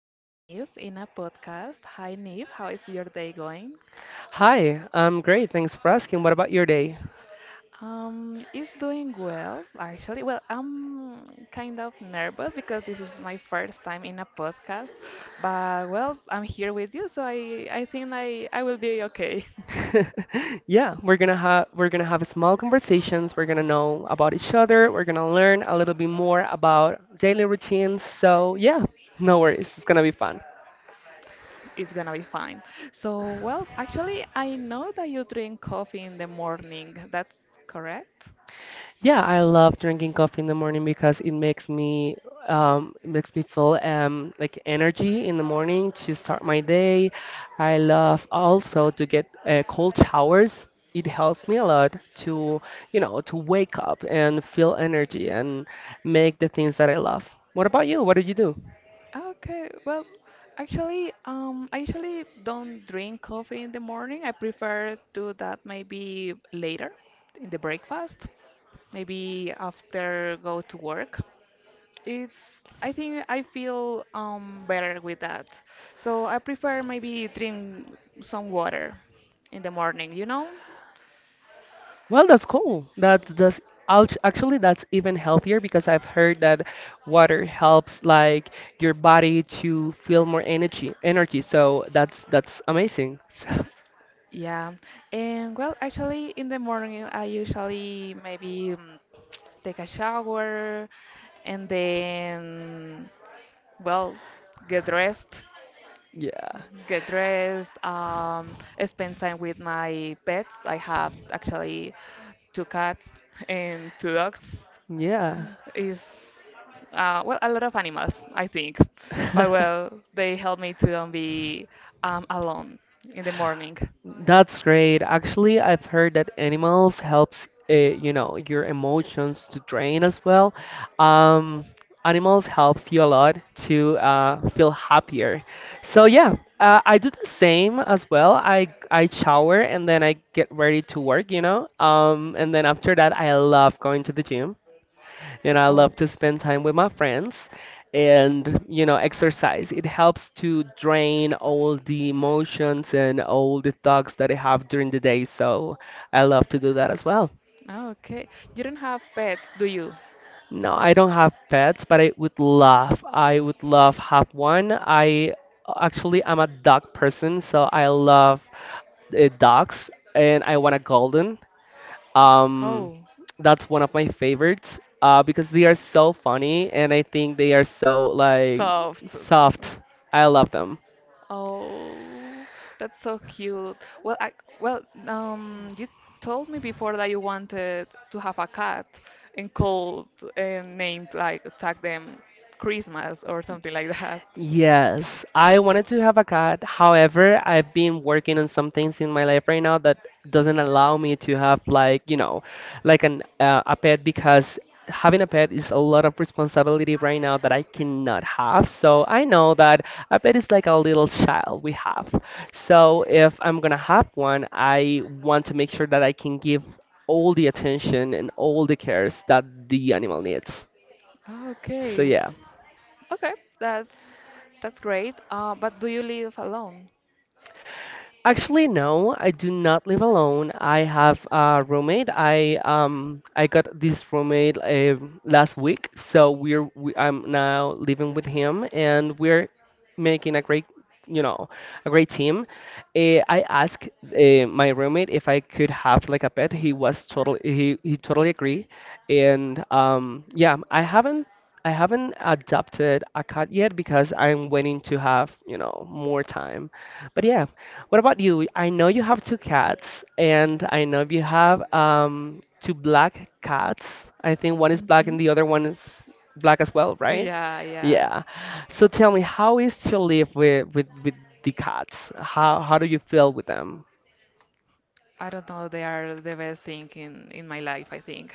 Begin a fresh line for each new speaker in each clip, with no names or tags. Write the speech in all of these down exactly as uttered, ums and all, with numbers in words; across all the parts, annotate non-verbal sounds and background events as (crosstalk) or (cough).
with Neve in a podcast. Hi Neve, how is your day going?
Hi, I'm great. Thanks for asking. What about your day?
Um, it's doing well, actually. Well, I'm kind of nervous because this is my first time in a podcast, but well, I'm here with you, so I I think I I will be okay.
(laughs) Yeah, we're gonna have we're gonna have small conversations. We're gonna know about each other. We're gonna learn a little bit more about daily routines. So yeah, no worries. It's gonna be fun.
(laughs) It's gonna be fine. So, well, actually, I know that you drink coffee in the morning. That's correct?
Yeah, I love drinking coffee in the morning because it makes me um, it makes me feel um, like energy in the morning to start my day. I love also to get uh, cold showers. It helps me a lot to, you know, to wake up and feel energy and make the things that I love. What about you? What do you do?
Okay, well, actually, um, I usually don't drink coffee in the morning. I prefer do that maybe later in the breakfast, maybe after go to work. It's I think I feel um better with that. So I prefer maybe drink some water in the morning, you know?
Well, that's cool. That's that's act- actually that's even healthier because I've heard that water helps like your body to feel more energy, energy. So that's that's amazing. (laughs)
Yeah. And well, actually in the morning I usually maybe um, take a shower and then well, get dressed,
So yeah,
get dressed, um, spend time with my pets. I have actually two cats and two dogs. Is uh, well, a lot of animals, I think. (laughs) But
yeah. (laughs)
well, they help me to don't be um, alone in the morning.
That's great. Actually, I've heard that animals helps uh, you know your emotions to drain as well. Um, Animals helps you a lot to uh, feel happier. So yeah, uh, I do the same as well. I I shower and then I get ready to work, you know. Um, and then after that, I love going to the gym. You know, I
Oh,
love to spend time with my friends and, you know, exercise. It helps to drain all the emotions and all the thoughts that I have during the day. So I love to do that as well.
okay. You don't have pets, do you?
No, I don't have pets, but I would love, I would love have one. I actually I'm a dog person, so I love uh, dogs and I want a golden. Um,
Oh,
that's one of my favorites uh, because they are so funny and I think they are so like
soft.
soft. I love them.
Oh, that's so cute. Well, I well, um, you told me before that you wanted to have a cat and called and named like tag them Christmas or something like that.
Yes, I wanted to have a cat. However, I've been working on some things in my life right now that doesn't allow me to have like, you know, like an uh, a pet because having a pet is a lot of responsibility right now that I cannot have. So I know that a pet is like a little child we have. So if I'm gonna have one, I want to make sure that I can give all the attention and all the cares that the animal needs. So
Okay,
yeah.
okay, that's that's great. Uh, but do you live alone?
Actually, no, I do not live alone. I have a roommate. I um I got this roommate uh, last week, so we're we, I'm now living with him, and we're making a great, you know, a great team. Uh, I asked uh, my roommate if I could have like a pet. He was totally he he totally agree, and um yeah, I haven't. I haven't adopted a cat yet because I'm waiting to have, you know, more time. But yeah, what about you? I know you have two cats, and I know you have um, two black cats. I think one is black
Mhm.
and the other one is black as well, right?
Yeah, yeah.
Yeah. So tell me, how is to live with with, with the cats? How how do you feel with them?
I don't know, they are the best thing in in my life, I think.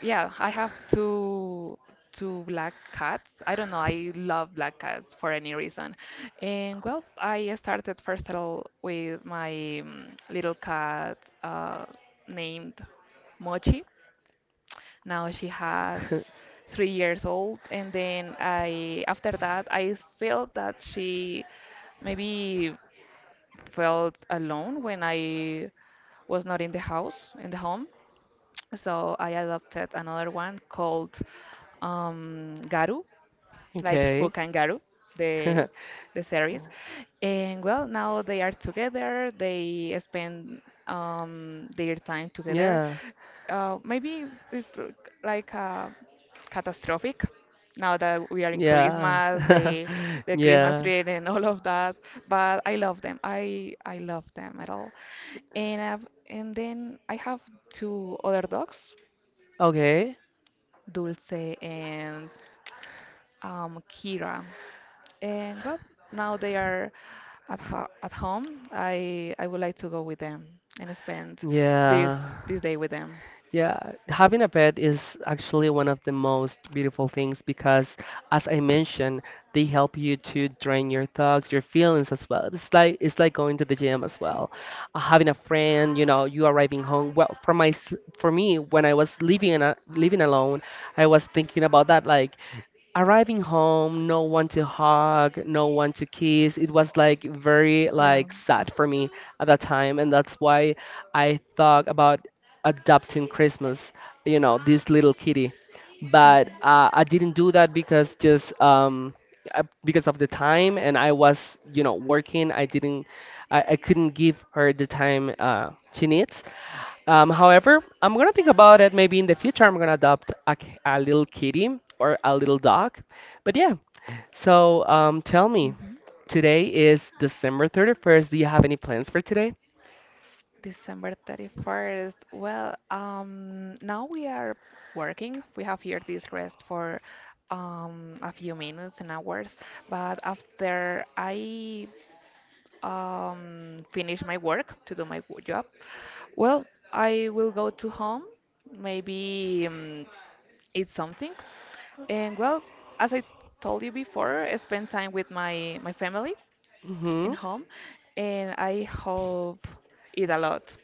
Yeah, I have two two black cats. I don't know, I love black cats for any reason. And well, I started first of all with my mm, little cat uh, named Mochi. Now she has three years old, and then I after that I felt that she maybe felt alone when I was not in the house, in the home. So I adopted another one called um, Garu like
Okay.
Puck and Garu, the
(laughs)
the series. And well, now they are together. They spend um, their time together.
Yeah.
Uh, maybe it's l- like uh, catastrophic now that we are in
Yeah.
Christmas, the
(laughs)
the Christmas
Yeah.
tree and all of that. But I love them. I I love them at all. And I've, and then I have two other dogs,
Okay.
Dulce and um, Kira. And well, now they are at ho at home. I I would like to go with them and spend
Yeah.
this this day with them.
Yeah, having a pet is actually one of the most beautiful things because, as I mentioned, they help you to drain your thoughts, your feelings as well. It's like it's like going to the gym as well. Uh, having a friend, you know, you arriving home. Well, for my s- for me, when I was living in a, living alone, I was thinking about that. Like, arriving home, no one to hug, no one to kiss. It was like very
Yeah.
like sad for me at that time, and that's why I thought about adopting Christmas, you know, this little kitty. But uh, I didn't do that because just um uh, because of the time, and I was, you know, working. I didn't, I, I couldn't give her the time uh, she needs. Um, however, I'm gonna think about it. Maybe in the future, I'm gonna adopt a, k- a little kitty or a little dog. But yeah, so um, tell me,
Mhm.
today is December thirty-first. Do you have any plans for today?
December thirty-first. Well, um, now we are working. We have here this rest for um, a few minutes and hours, but after I um, finish my work to do my w- job, well, I will go to home, maybe um, eat something, and well, as I told you before, I spend time with my my family in
Mm-hmm.
home, and I hope eat a lot.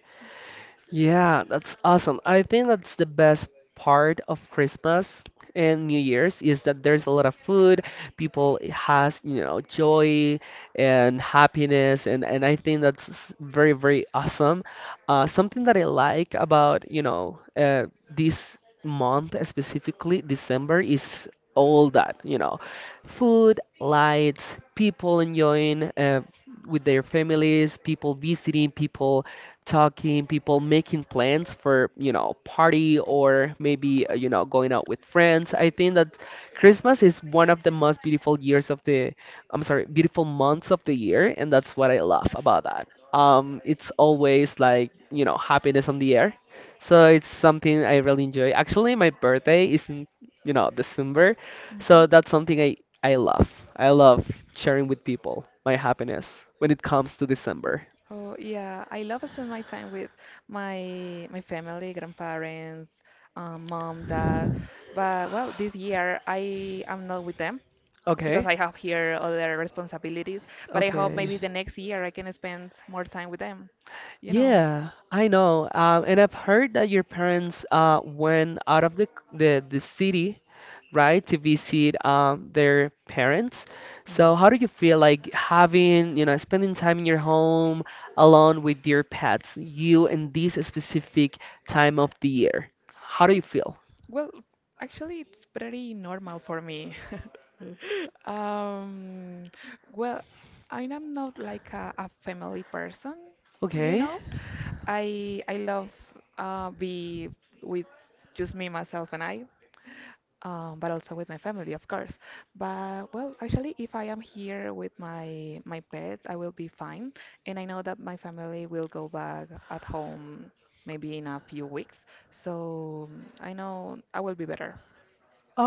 Yeah, that's awesome. I think that's the best part of Christmas and New Year's is that there's a lot of food. People has, you know, joy and happiness and and I think that's s- very, very awesome. Uh, something that I like about, you know, uh, this month specifically, December, is all that, you know, food, lights, people enjoying uh, with their families, people visiting, people talking, people making plans for, you know, party or maybe, uh, you know, going out with friends. I think that Christmas is one of the most beautiful years of the, I'm sorry, beautiful months of the year, and that's what I love about that. Um, it's always like, you know, happiness on the air. So it's something I really enjoy. Actually, my birthday is in, you know, December,
Mhm.
so that's something I I love. I love sharing with people my happiness when it comes to December.
Oh yeah, I love to spend my time with my my family, grandparents, um, mom, dad. But well, this year I am not with them because
Okay.
I have here other responsibilities. But I hope
Okay.
maybe the next year I can spend more time with them, you know.
Yeah, I know. Um, and I've heard that your parents uh, went out of the, c- the the city, right, to visit um, their parents.
Mm.
So how do you feel like having, you know, spending time in your home alone with your pets, you in this specific time of the year? How do you feel?
Well, actually, it's pretty normal for me. (laughs) Um, well, I am not like a, a family person, you
Okay.
know. I I love uh, be with just me, myself, and I. um, but also with my family, of course. But well, actually, if I am here with my my pets, I will be fine. And I know that my family will go back at home maybe in a few weeks. So mm, I know I will be better.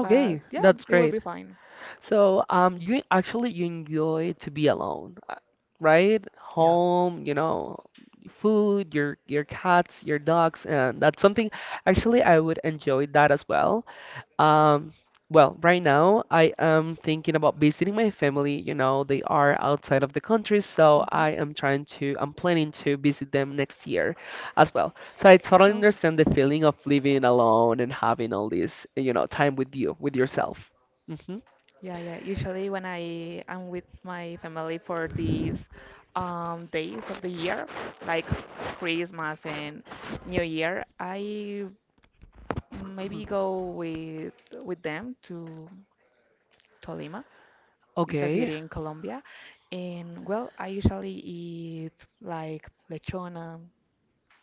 But yeah,
that's
it will
great.
be fine.
So, um, you actually you enjoy to be alone, uh, right?
Yeah.
Home, you know, food, your your cats, your dogs, and that's something actually I would enjoy that as well. Um, well, right now I am thinking about visiting my family. You know, they are outside of the country, so
Hmm.
I am trying to, I'm planning to visit them next year as well. So I totally
Oh.
understand the feeling of living alone and having all this, you know, time with you, with yourself. Hmm.
Yeah, yeah. Usually when I am with my family for these um, days of the year, like Christmas and New Year, I maybe go with with them to Tolima. It's a
Okay,
city in Colombia. And well, I usually eat like lechona,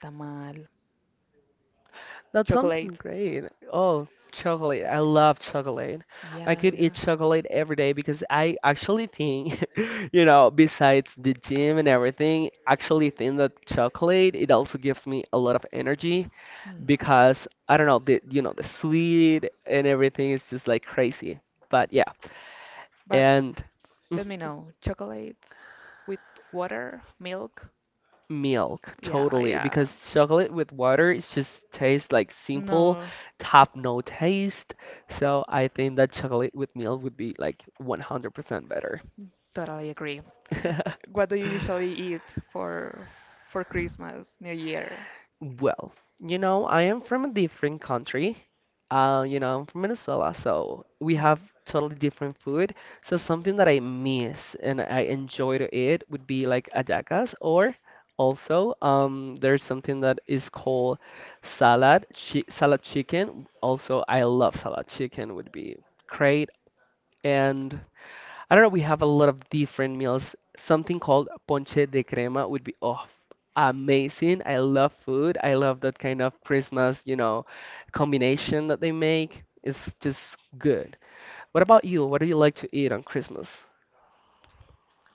tamal,
that's something
chocolate.
great. Oh, chocolate. I love chocolate. I
Yeah,
could eat
yeah.
chocolate every day because I actually think, (laughs) you know, besides the gym and everything, actually think that chocolate, it also gives me a lot of energy
Hmm.
because I don't know, the, you know, the sweet and everything is just like crazy. But yeah,
But
and
let me
(laughs)
know. Chocolate with water, milk.
Milk,
Yeah,
totally,
yeah.
because chocolate with water it just tastes like simple,
No,
have no taste. So I think that chocolate with milk would be like one hundred percent better.
totally agree.
(laughs)
What do you usually eat for for Christmas, New Year?
Well, you know, I am from a different country. Uh, you know, I'm from Venezuela, so we have
Mm.
totally different food. So something that I miss and I enjoy to eat would be like hallacas, or also um, there's something that is called salad, chi salad chicken. Also, I love salad chicken would be great. And I don't know. We have a lot of different meals. Something called ponche de crema would be oh, amazing. I love food. I love that kind of Christmas, you know, combination that they make. It's just good. What about you? What do you like to eat on Christmas?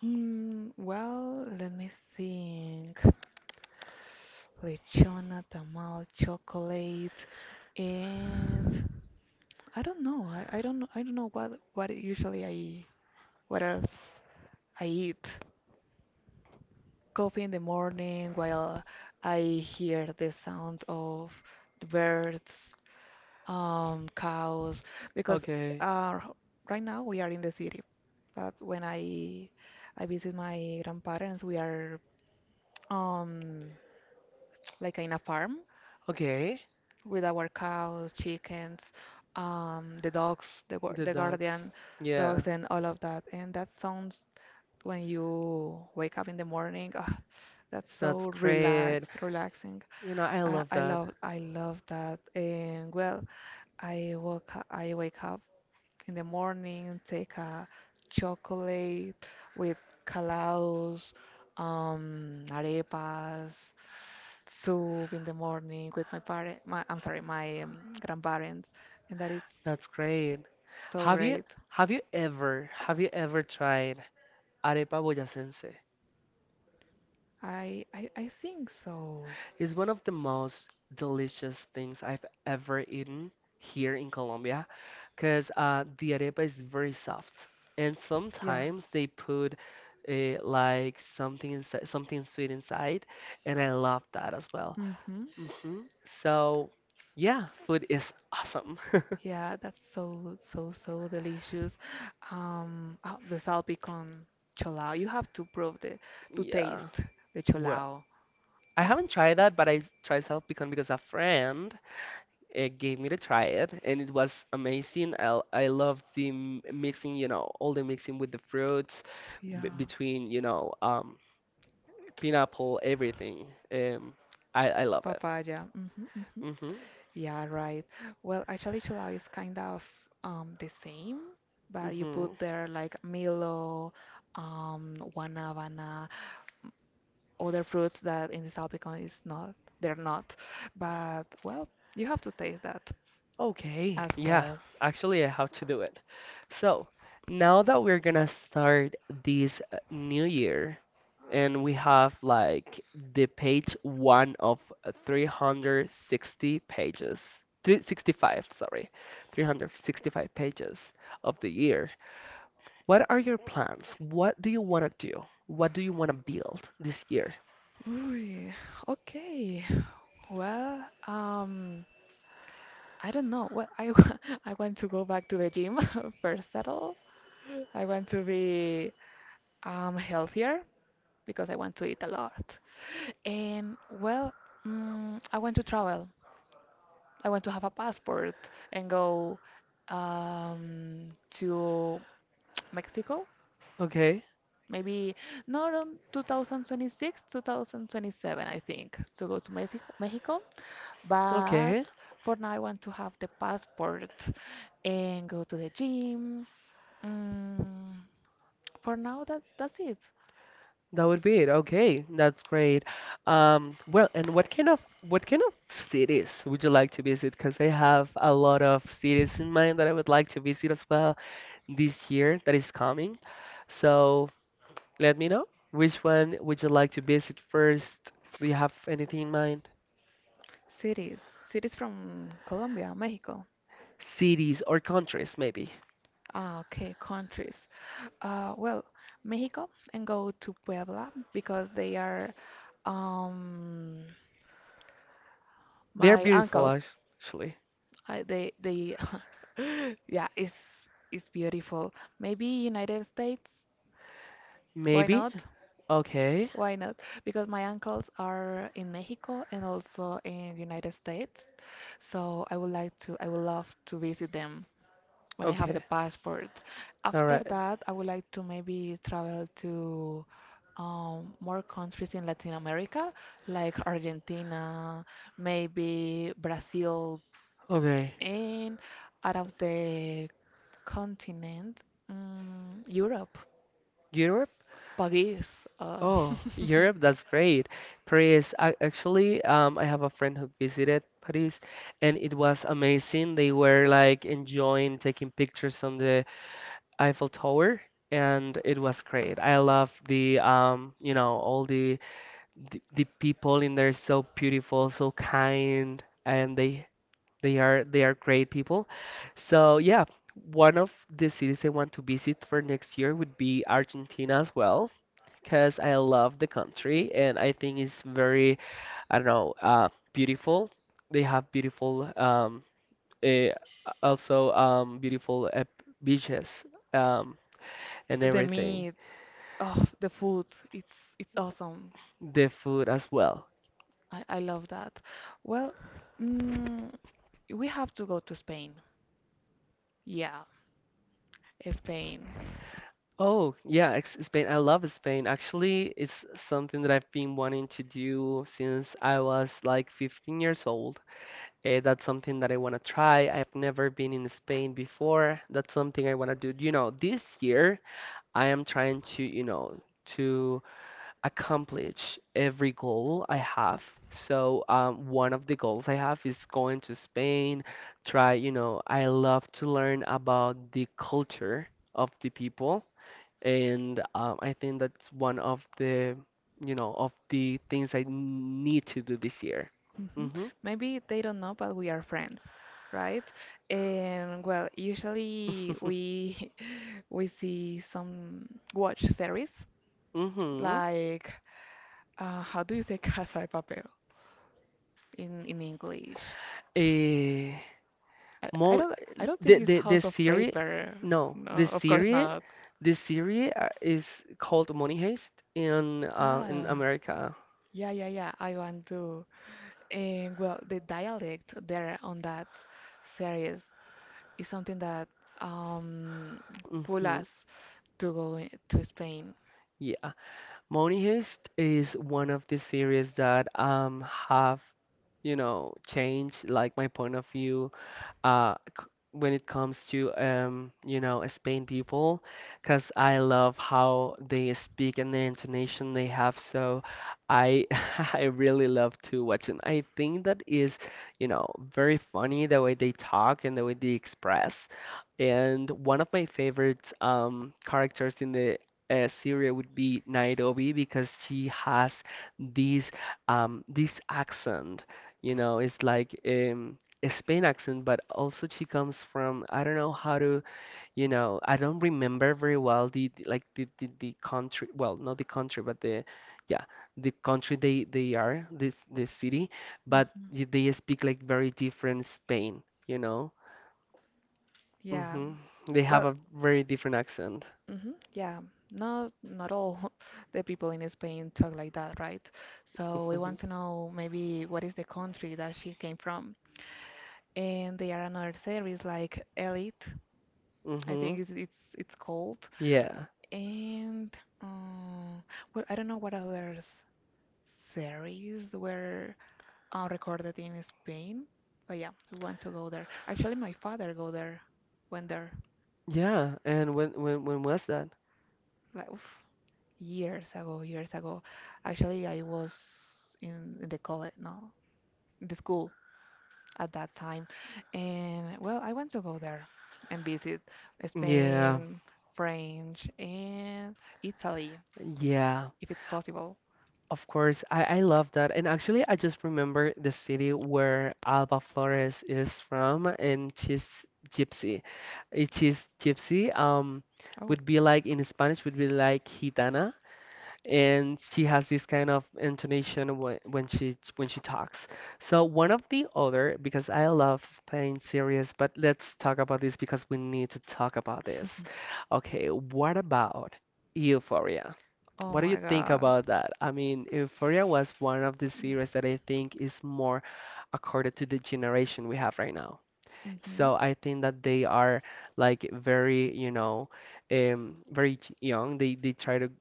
Mm, well, let me think. Lechona, tamal, chocolate, and I don't know. I, I don't I don't know what what usually I what else I eat. Coffee in the morning while I hear the sound of the birds, um, cows, because
Okay,
uh, right now we are in the city, but when I I visit my grandparents, we are um, like in a farm
okay,
with our cows, chickens, um, the dogs, the, guar-
the
the
ducks.
guardian
Yeah,
dogs, and all of that. And that sounds when you wake up in the morning. Ah, that's
that's
so
great.
relaxed, relaxing.
You know, I
I,
love
I
that.
love I love that. And well, I woke up, I wake up in the morning, take a chocolate with calaos, um, arepas, soup in the morning with my parent, my I'm sorry, my um, grandparents, and that is
That's great.
so
Have you
great.
have you ever have you ever tried arepa boyacense?
I I, I think so.
It's one of the most delicious things I've ever eaten here in Colombia because uh, the arepa is very soft. And
Yeah.
sometimes they put uh, like something inside, something sweet inside, and I love that as well.
Mm-hmm.
Hmm. So, yeah, food is awesome. (laughs)
Yeah, that's so so so delicious. Um, oh, the salpicón con cholao. You have to prove the to
Yeah.
taste the
Well,
cholao.
I
Oh,
haven't tried that, but I s- tried self-pecan because a friend it gave me to try it, and it was amazing. I, I loved the m- mixing, you know, all the mixing with the fruits
yeah.
b between, you know, um, pineapple, everything. Um, I, I love it.
Papaya. Mm-hmm, mm-hmm.
Mm-hmm.
Yeah, right. Well, actually, cholao is kind of um the same, but you
Mm-hmm.
put there like Milo, um, guanábana, other fruits that in the Salpicon is not, they're not. But well, you have to taste that
Okay,
as
yeah,
well.
actually, I have to do it. So, now that we're gonna start this uh, new year, and we have like the page one of three hundred sixty pages, three hundred sixty-five, sorry, three hundred sixty-five pages of the year. What are your plans? What do you want to do? What do you want to build this year?
Ooh, okay. Well, um, I don't know. Well, I (laughs) I want to go back to the gym (laughs) first at all. I want to be um healthier because I want to eat a lot. And well, mm, I want to travel. I want to have a passport and go um to Mexico
Okay,
maybe not on two thousand twenty-six, two thousand twenty-seven, I think, to go to Mexico, Mexico. But
okay,
for now, I want to have the passport and go to the gym. Mm, for now, that's that's it.
that would be it. Okay, that's great. Um well, and what kind of what kind of cities would you like to visit because I have a lot of cities in mind that I would like to visit as well this year that is coming. So let me know, which one would you like to visit first? Do you have anything in mind?
Cities, cities from Colombia, Mexico.
Cities or countries, maybe.
Ah, okay, countries. Uh, well, Mexico and go to Puebla because they are um
They're
my
beautiful, act-
uncles.
actually.
Uh, they they (laughs) yeah, it's it's beautiful. Maybe United States. Why
Maybe.
not?
Okay.
Why not? Because my uncles are in Mexico and also in United States. So I would like to I would love to visit them when I have the
Okay.
passport.
All
After
right.
that, I would like to maybe travel to um, more countries in Latin America, like Argentina, maybe Brazil,
Okay.
and out of the continent, mm, Europe,
Europe?
Paris, uh,
Oh, Europe,
(laughs)
that's great. Paris, I, actually, um, I have a friend who visited Paris and it was amazing. They were like enjoying taking pictures on the Eiffel Tower, and it was great. I love the um, you know, all the, the the people in there so beautiful, so kind, and they they are they are great people. So yeah, one of the cities I want to visit for next year would be Argentina as well, because I love the country and I think it's very, I don't know, uh, beautiful. They have beautiful um, eh, also um, beautiful uh, beaches. Um, and
the
everything,
meat, oh, the food, it's it's awesome.
the food as well.
I, I love that. Well, mm, we have to go to Spain. Yeah, Spain.
Oh, yeah, ex- Spain. I love Spain. Actually, it's something that I've been wanting to do since I was like fifteen years old. Eh, that's something that I want to try. I've never been in Spain before. That's something I want to do. You know, this year I am trying to, you know, to accomplish every goal I have. So um, one of the goals I have is going to Spain, try, you know, I love to learn about the culture of the people, and um, I think that's one of the, you know, of the things I need to do this year.
Hmm.
Hmm.
Maybe they don't know, but we are friends, right? And well, usually we (laughs) we see some watch series
Hmm.
like uh, how do you say (laughs) Casa de Papel? in in English.
Eh, (laughs)
I, I
More
don't I don't think
the
it's
the the
House of
series,
Paper.
no,
No,
the
of course
series
not.
the series uh, is called Money Heist in uh, in
Ah,
America.
yeah, yeah, yeah. I want to. And well, the dialect there on that series is something that um pull
Hmm.
us to go i- to Spain.
Yeah, Money Heist is one of the series that um have, you know, changed like my point of view uh, c- when it comes to um, you know, Spain people, because I love how they speak and the intonation they have. So I (laughs) I really love to watch, and I think that is, you know, very funny the way they talk and the way they express. And one of my favorite um, characters in the uh, series would be Nairobi because she has this um, this accent. You know, it's like um, a Spain accent, but also she comes from, I don't know how to, you know, I don't remember very well the the- like the the, the country, well, not the country, but the, yeah, the country they they are, this this city, but y-
Mhm.
they speak like very different Spain, you know.
Yeah.
Hmm. They
Well,
have a very different accent.
hmm, yeah, not not all (laughs) the people in Spain talk like that, right? So
(laughs)
we
Hmm.
want to know maybe what is the country that she came from. And there are another series like Elite, I think
Hmm.
it's it's, it's called.
Yeah,
And um, well, I don't know what other s- series were uh, recorded in Spain, but yeah, we want to go there. Actually, my father go there, went there.
yeah, and when when when was that?
Like, oof. Years ago, years ago. Actually, I was in, in the college, no, the school at that time. And well, I went to go there and visit
Yeah.
Spain, French, and Italy,
Yeah.
if it's possible.
Of course, I, I love that. And actually, I just remember the city where Alba Flores is from, and she's gypsy. Uh, She's gypsy, um,
Oh,
would be like in Spanish, would be like gitana, and she has this kind of intonation when, when she when she talks. So one of the other, because I love Spain series, but let's talk about this because we need to talk about this. Okay, what about Euphoria?
oh
What do
my
you think
God.
about that? I mean, Euphoria was one of the series that I think is more accorded to the generation we have right now.
Hmm.
So I think that they are like very, you know, um, very ch- young. They they try to,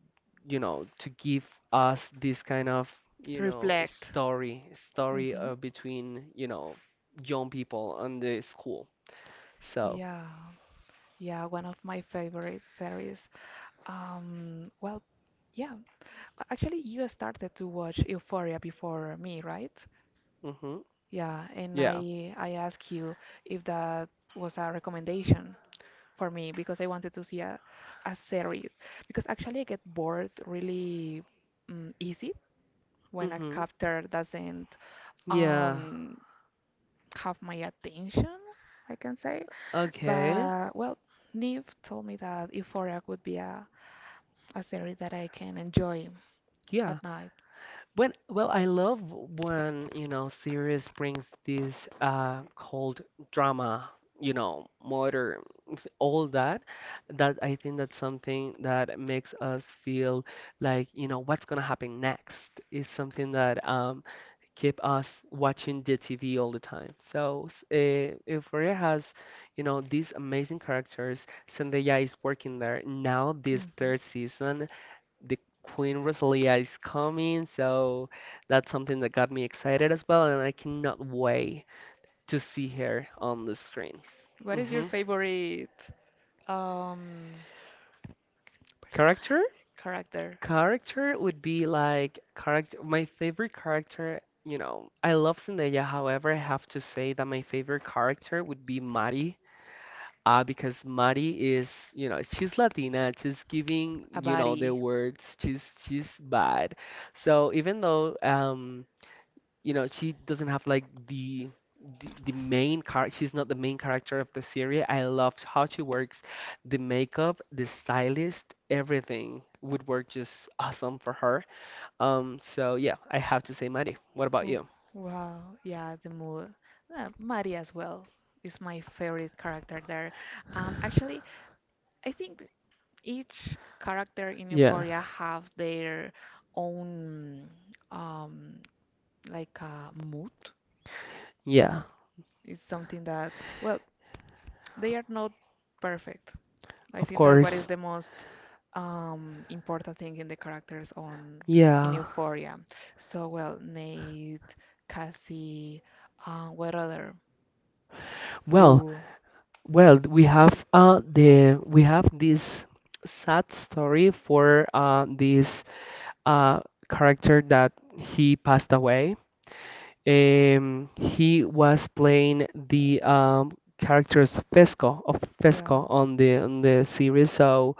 you know, to give us this kind of, you know,
Reflect.
story story
Hmm.
uh, between, you know, young people on the school. So,
Yeah. Yeah, one of my favorite series. Um, well, yeah, a- actually you started to watch Euphoria before me, right?
mhm,
Yeah, and
yeah,
I I asked you if that was a recommendation for me because I wanted to see a, a series because actually I get bored really mm, easy when a
mhm,
character doesn't
yeah,
um have my attention, I can say.
okay,
But well, Neve told me that Euphoria would be a a series that I can enjoy
yeah.
at night.
When, well, I love when, you know, series brings this uh cold drama, you know, murder, s- all that. That I think that's something that makes us feel like, you know, what's gonna happen next is something that um keep us watching the T V all the time. So, uh, Euphoria has, you know, these amazing characters. Zendaya is working there now this
Mhm.
third season, the Queen Rosalia is coming, so that's something that got me excited as well, and I cannot wait to see her on the screen.
What is your
Hmm.
favorite um,
Character?
character?
Character would be like character. My favorite character, you know, I love Zendaya. However, I have to say that my favorite character would be Mari. Uh, because Mari is, you know, she's Latina. She's giving,
A
you know, the
body.
words. She's she's bad. So even though um you know she doesn't have like the the, the main car she's not the main character of the series, I loved how she works the makeup, the stylist, everything would work just awesome for her. um so yeah, I have to say Maddie. What about
W-
you?
Wow, yeah, the mood. Uh, Mari as well is my favorite character there. Um, actually, I think each character in
Yeah.
Euphoria have their own um like uh, mood.
Yeah,
It's something that well, they are not perfect. I
of
think that what is
course.
the most um, important thing in the characters on in
Yeah.
Euphoria. So well, Nate, Cassie, uh, what other?
Well,
Rue.
well we have uh the, we have this sad story for uh this uh character that he passed away. Um, he was playing the um, characters Fesco, of
Yeah.
Fesco, on the on the series, so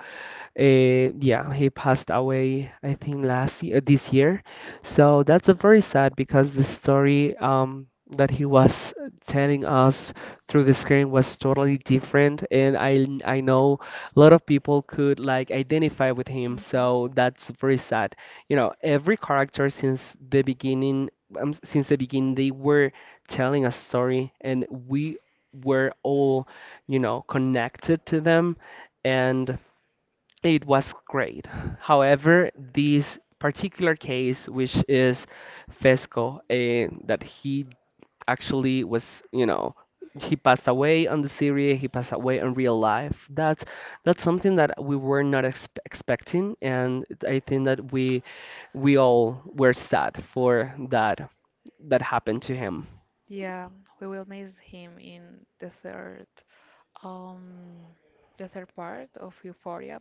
uh, yeah, he passed away, I think last year, this year. So that's a very sad, because the story um, that he was telling us through the screen was totally different, and I I know a lot of people could like identify with him. So
Hmm.
that's very sad. You know, every character since the beginning, um, since the beginning, they were telling a story, and we were all, you know, connected to them, and. It was great. However, this particular case, which is Fesco, eh, that he actually was, you know, he passed away on the series, he passed away in real life. That's that's something that we were not expe expecting, and I think that we we all were sad for that that happened to him.
Yeah, we will miss him in the third um the third part of Euphoria.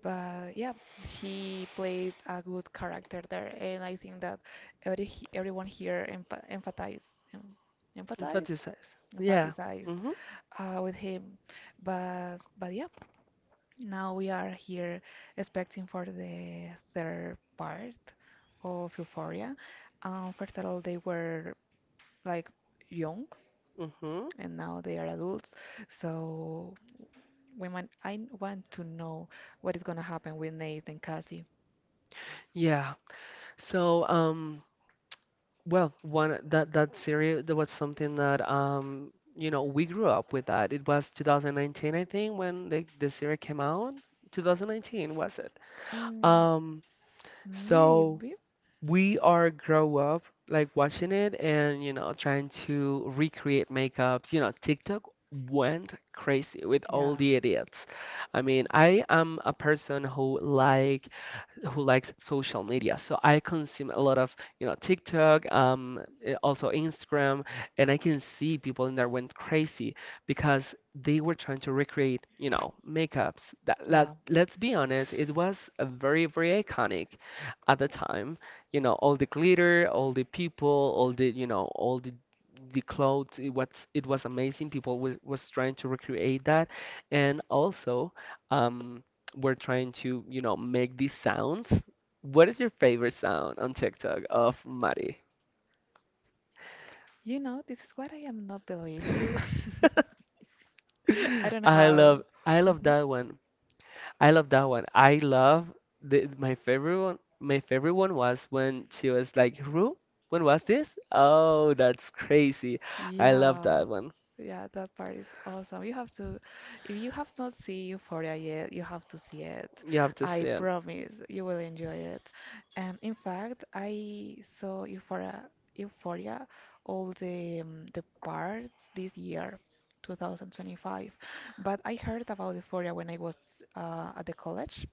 But yeah, he played a good character there, and I think that every he- everyone here empha emphasized, emphasized,
Infanticize. Yeah.
emphasized
Mm-hmm.
uh, with him. But but yeah, now we are here expecting for the third part of Euphoria. Um, first of all, they were like young,
Mm-hmm.
and now they are adults. So we might, I want to know what is gonna happen with Nate and Cassie.
Yeah. So, um, well, one that that series that was something that um you know we grew up with that. It was two thousand nineteen, I think, when the the series came out. two thousand nineteen was it?
Mm,
Um, so
maybe.
we are grow up like watching it, and you know, trying to recreate makeups. You know, TikTok went crazy with
Yeah.
all the idiots. I mean, I am a person who like who likes social media. So I consume a lot of, you know, TikTok, um, eh, also Instagram, and I can see people in there went crazy because they were trying to recreate, you know, makeups. That,
Yeah.
let, let's be honest, it was a very, very iconic at the time. You know, all the glitter, all the people, all the, you know, all the the clothes, it was it was amazing, people was, was trying to recreate that, and also um we're trying to, you know, make these sounds. What is your favorite sound on TikTok of Mari?
You know, this is what I am not believe you. (laughs) I don't
(laughs) I
have.
love I love
Mhm.
that one. I love that one. I love the my favorite one my favorite one was when she was like, Ru, when was this? Oh, that's crazy. I love
Yeah,
that one.
yeah, that part is awesome. You have to, if you have not seen Euphoria yet, you have to see it.
You have to
I
see it.
promise you will enjoy it. And in fact, I saw Euphoria, Euphoria, all the um, the parts this year, twenty twenty-five. But I heard about Euphoria when I was uh, at the college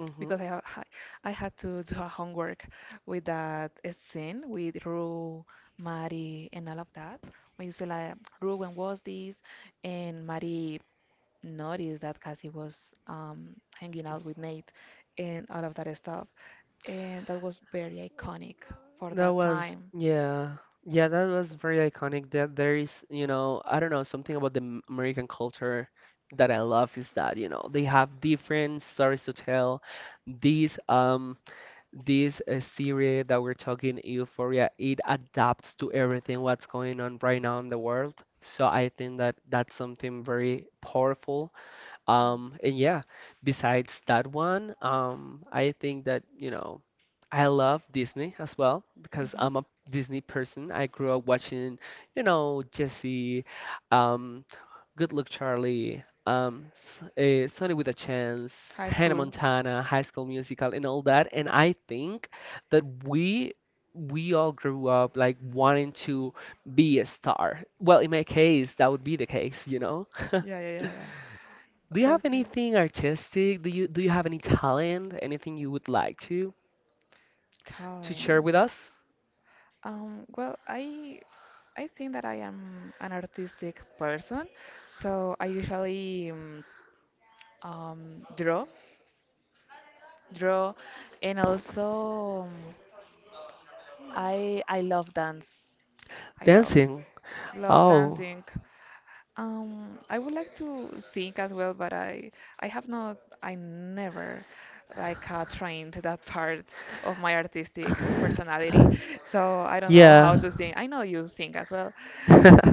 Hmm.
because I have I I had to do a homework with that uh, scene with Rue, Mari, and all of that. When you say like Rue, when was this? And Mari noticed that Cassie was um, hanging out with Nate and all of that stuff, and that was very iconic for
That
that
was,
time. Mm.
yeah. Yeah, that was very iconic. That there is, you know, I don't know, something about the M- American culture that I love is that, you know, they have different stories to tell. This um this uh, series that we're talking, Euphoria, it adapts to everything what's going on right now in the world. So I think that that's something very powerful, um, and yeah, besides that one, um, I think that, you know, I love Disney as well because
Mhm.
I'm a Disney person. I grew up watching, you know, Jesse, um, Good Luck Charlie, um, uh, Sunny with a Chance,
High
Hannah
school.
Montana, High School Musical, and all that. And I think that we we all grew up like wanting to be a star. Well, in my case, that would be the case, you know? (laughs)
Yeah, yeah, yeah, yeah.
Do you
(laughs)
have
Okay.
anything artistic? Do you do you have any talent? Anything you would like to to share with us?
Um, well, I I think that I am an artistic person, so I usually um, um, draw, draw, and also um, I I love dance. I love
Dancing.
love
Oh.
dancing. Um, I would like to sing as well, but I I have not I never like uh, trained that part of my artistic personality,
(sighs) (laughs)
so I don't know how
Yeah.
to sing. I know you sing as well,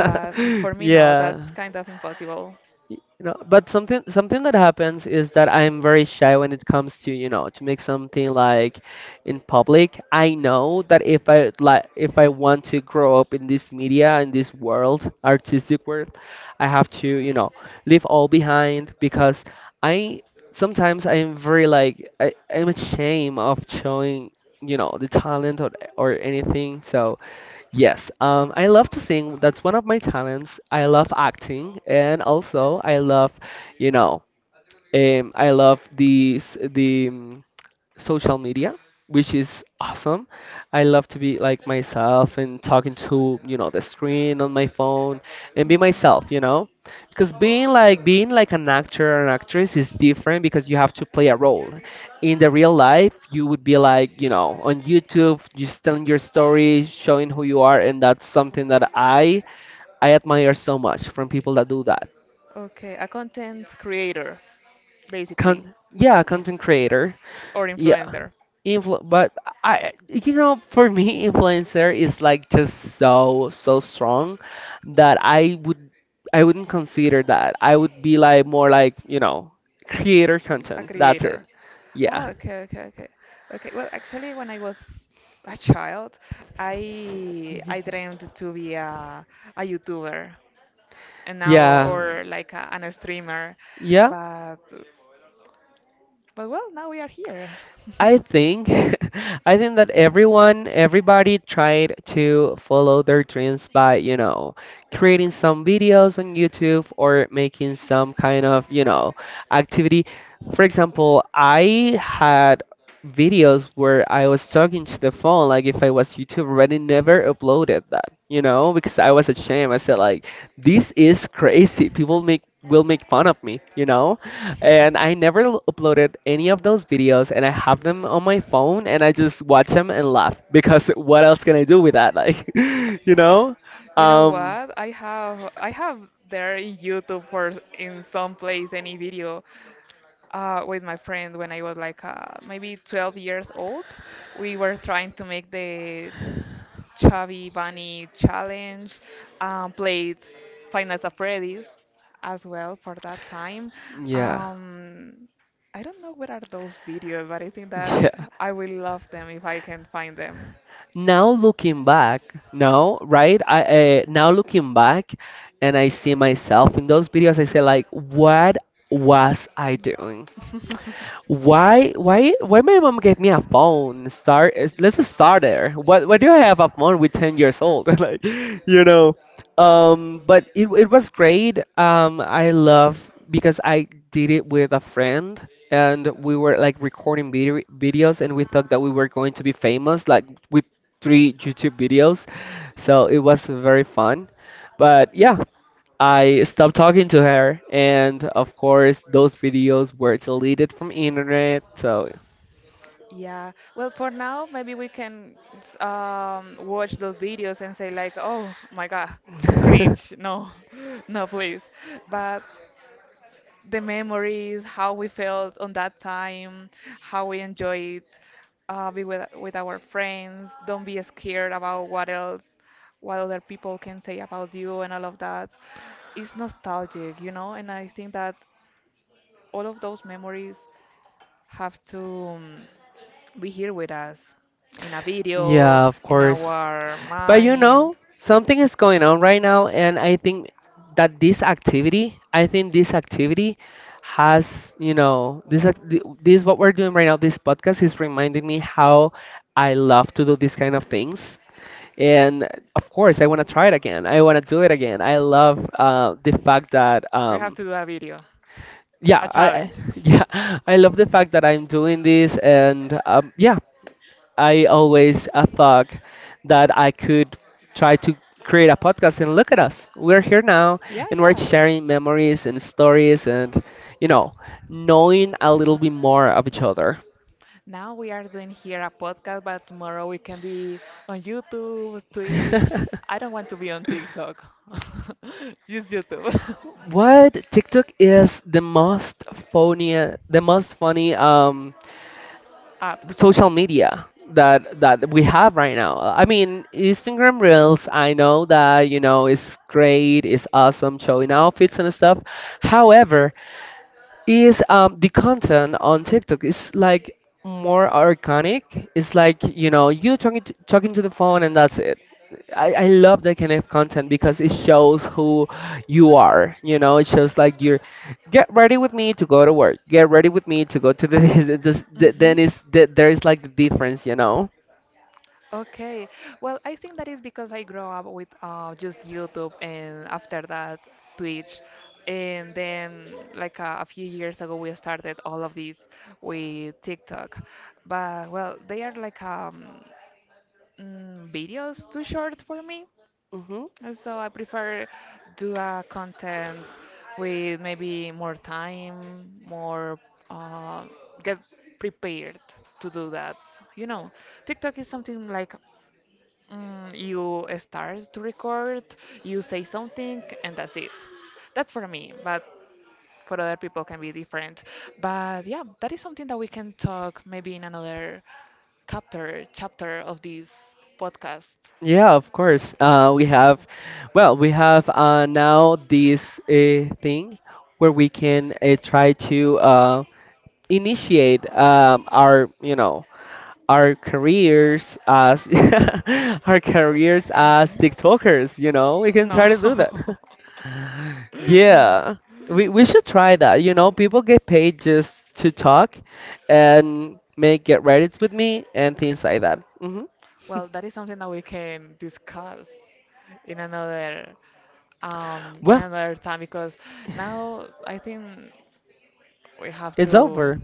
but for me no,
Yeah.
that's kind of impossible.
Y- you know, but something something that happens is that I'm very shy when it comes to, you know, to make something like in public. I know that if I like, if I want to grow up in this media, in this world, artistic world, I have to, you know, leave all behind, because I sometimes, I'm very like, I, I'm ashamed of showing, you know, the talent, or, or anything, so. Yes, um, I love to sing. That's one of my talents. I love acting, and also I love, you know, um, I love these the mm, social media, which is awesome. I love to be like myself and talking to, you know, the screen on my phone and be
Mhm.
myself, you know? Because being like being like an actor or an actress is different because you have to play a role. In the real life, you would be like, you know, on YouTube, just telling your story, showing who you are, and that's something that I I admire so much from people that do that.
Okay, a content creator basically,
Con- yeah, content creator.
or
Yeah.
influencer,
Influ but I, you know, for me, influencer is like just so, so strong that I would, I wouldn't consider that. I would be like more like, you know, creator
a
content. That's it.
creator.
Yeah.
Ah, okay, okay, okay. Okay, well, actually, when I was a child, I I dreamed to be a a YouTuber and now
Yeah.
or like a, an a streamer, but but well, now we are here.
I
(laughs)
think (laughs) I think that everyone everybody tried to follow their dreams by, you know, creating some videos on YouTube or making some kind of, you know, activity. For example, I had videos where I was talking to the phone like if I was YouTuber, but I never uploaded that, you know, because I was ashamed. I said like, this is crazy. People make will make fun of me, you know? And I never l- uploaded any of those videos, and I have them on my phone, and I just watch them and laugh because (laughs) what else can I do with that? Like, (laughs) you know?
You know
Um,
what? I have I have there in YouTube for in some place any video uh, with my friend when I was like uh, maybe twelve years old. We were trying to make the Chubby Bunny Challenge, um, played Final Fantasy Freddy's as well for that time.
yeah,
Um, I don't know where are those videos, but I think that
(laughs) yeah.
I will love them if I can find them.
Now looking back, no, right? I uh, now looking back, and I see myself in those videos. I say like, what was I doing?
(laughs)
Why, why, why my mom gave me a phone? Start, is- let's just start there. What, why do you have a phone with ten years old? (laughs) Like, you know. Um, but it, it was great. Um, I love because I did it with a friend and we were like recording video videos and we thought that we were going to be famous, like with three YouTube videos. So it was very fun. But yeah, I stopped talking to her, and of course, those videos were deleted from internet. So,
Yeah. Well, for now, maybe we can s- um, watch those videos and say like, "Oh my God, cringe."
(laughs)
No, (laughs) no, please. But the memories, how we felt on that time, how we enjoyed uh, be with with our friends. Don't be scared about what else, what other people can say about you and all of that. It's nostalgic, you know, and I think that all of those memories have to um, be here with us in a video,
yeah, of
in
course.
our
But you
mind.
know, something is going on right now, and I think that this activity, I think this activity has, you know, this ac- th- this what we're doing right now. This podcast is reminding me how I love to do these kind of things. And of course, I want to try it again. I want to do it again. I love uh, the fact that
We have
um,
to do a video,
yeah,
a
I I-
challenge. (laughs)
(laughs) yeah, I love the fact that I'm doing this and um, yeah, I always uh, thought that I could try to create a podcast, and look at us. We're here now
Yeah,
and we're
yeah.
sharing memories and stories and, you know, knowing a little bit more of each other.
Now we are doing here a podcast, but tomorrow we can be on YouTube, Twitch.
(laughs)
I don't want to be on TikTok. (laughs) Use YouTube
What, TikTok is the most funny, the most funny um
(laughs) app.
social media that that we have right now. I mean, Instagram Reels, I know that, you know, it's great, it's awesome showing outfits and stuff. However, is um the content on TikTok is like more organic. It's like, you know, you talking to, talking to the phone and that's it. I, I love that kind of content because it shows who you are. You know, it shows like you're get ready with me to go to work. Get ready with me to go to the, (laughs) this, the then
Hmm.
is that there is like the difference. You know.
Okay. Well, I think that is because I grew up with uh, just YouTube and after that Twitch. And then, like uh, a few years ago, we started all of this with TikTok. But, well, they are like um, mm, videos too short for me.
Hmm.
And so I prefer do a content with maybe more time, more uh, get prepared to do that. You know, TikTok is something like mm, you start to record, you say something, and that's it. That's for me, but for other people can be different. But yeah, that is something that we can talk maybe in another chapter chapter of this podcast.
Yeah, of course. Uh, we have, well, we have uh, now this uh, thing where we can uh, try to. uh. Initiate um, our, you know our careers as (laughs) our careers as
Mhm.
TikTokers. You know, we can try
No.
to do that.
We (laughs)
(laughs)
Mm.
Yeah, we we should try that. You know, people get paid just to talk and make get Reddits with me and things like that. Hmm.
Well, that is something that we can discuss in another um in
Well,
another time because now I think we have it's our
it's
to
over.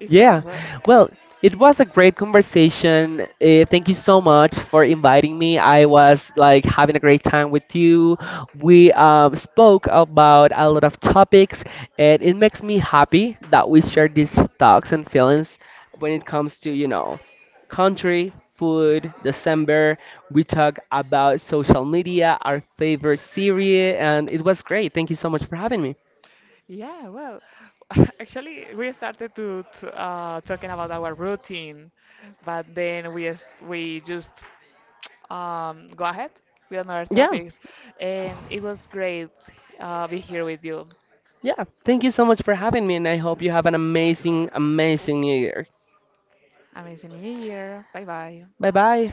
it's
Yeah,
over.
well, it was a great conversation. Uh, thank you so much for inviting me. I was like having a great time with you. We um, spoke about a lot of topics, and it makes me happy that we share these thoughts and feelings when it comes to, you know, country, food, December. We talk about social media, our favorite series, and it was great. Thank you so much for having me.
Yeah, well, (laughs) actually we started to, to uh talking about our routine, but then we s- we just um, go ahead with another
Yeah.
topics. And it was great uh, be here with you.
Yeah, thank you so much for having me, and I hope you have an amazing, amazing new year.
Amazing New Year. Bye bye.
Bye bye.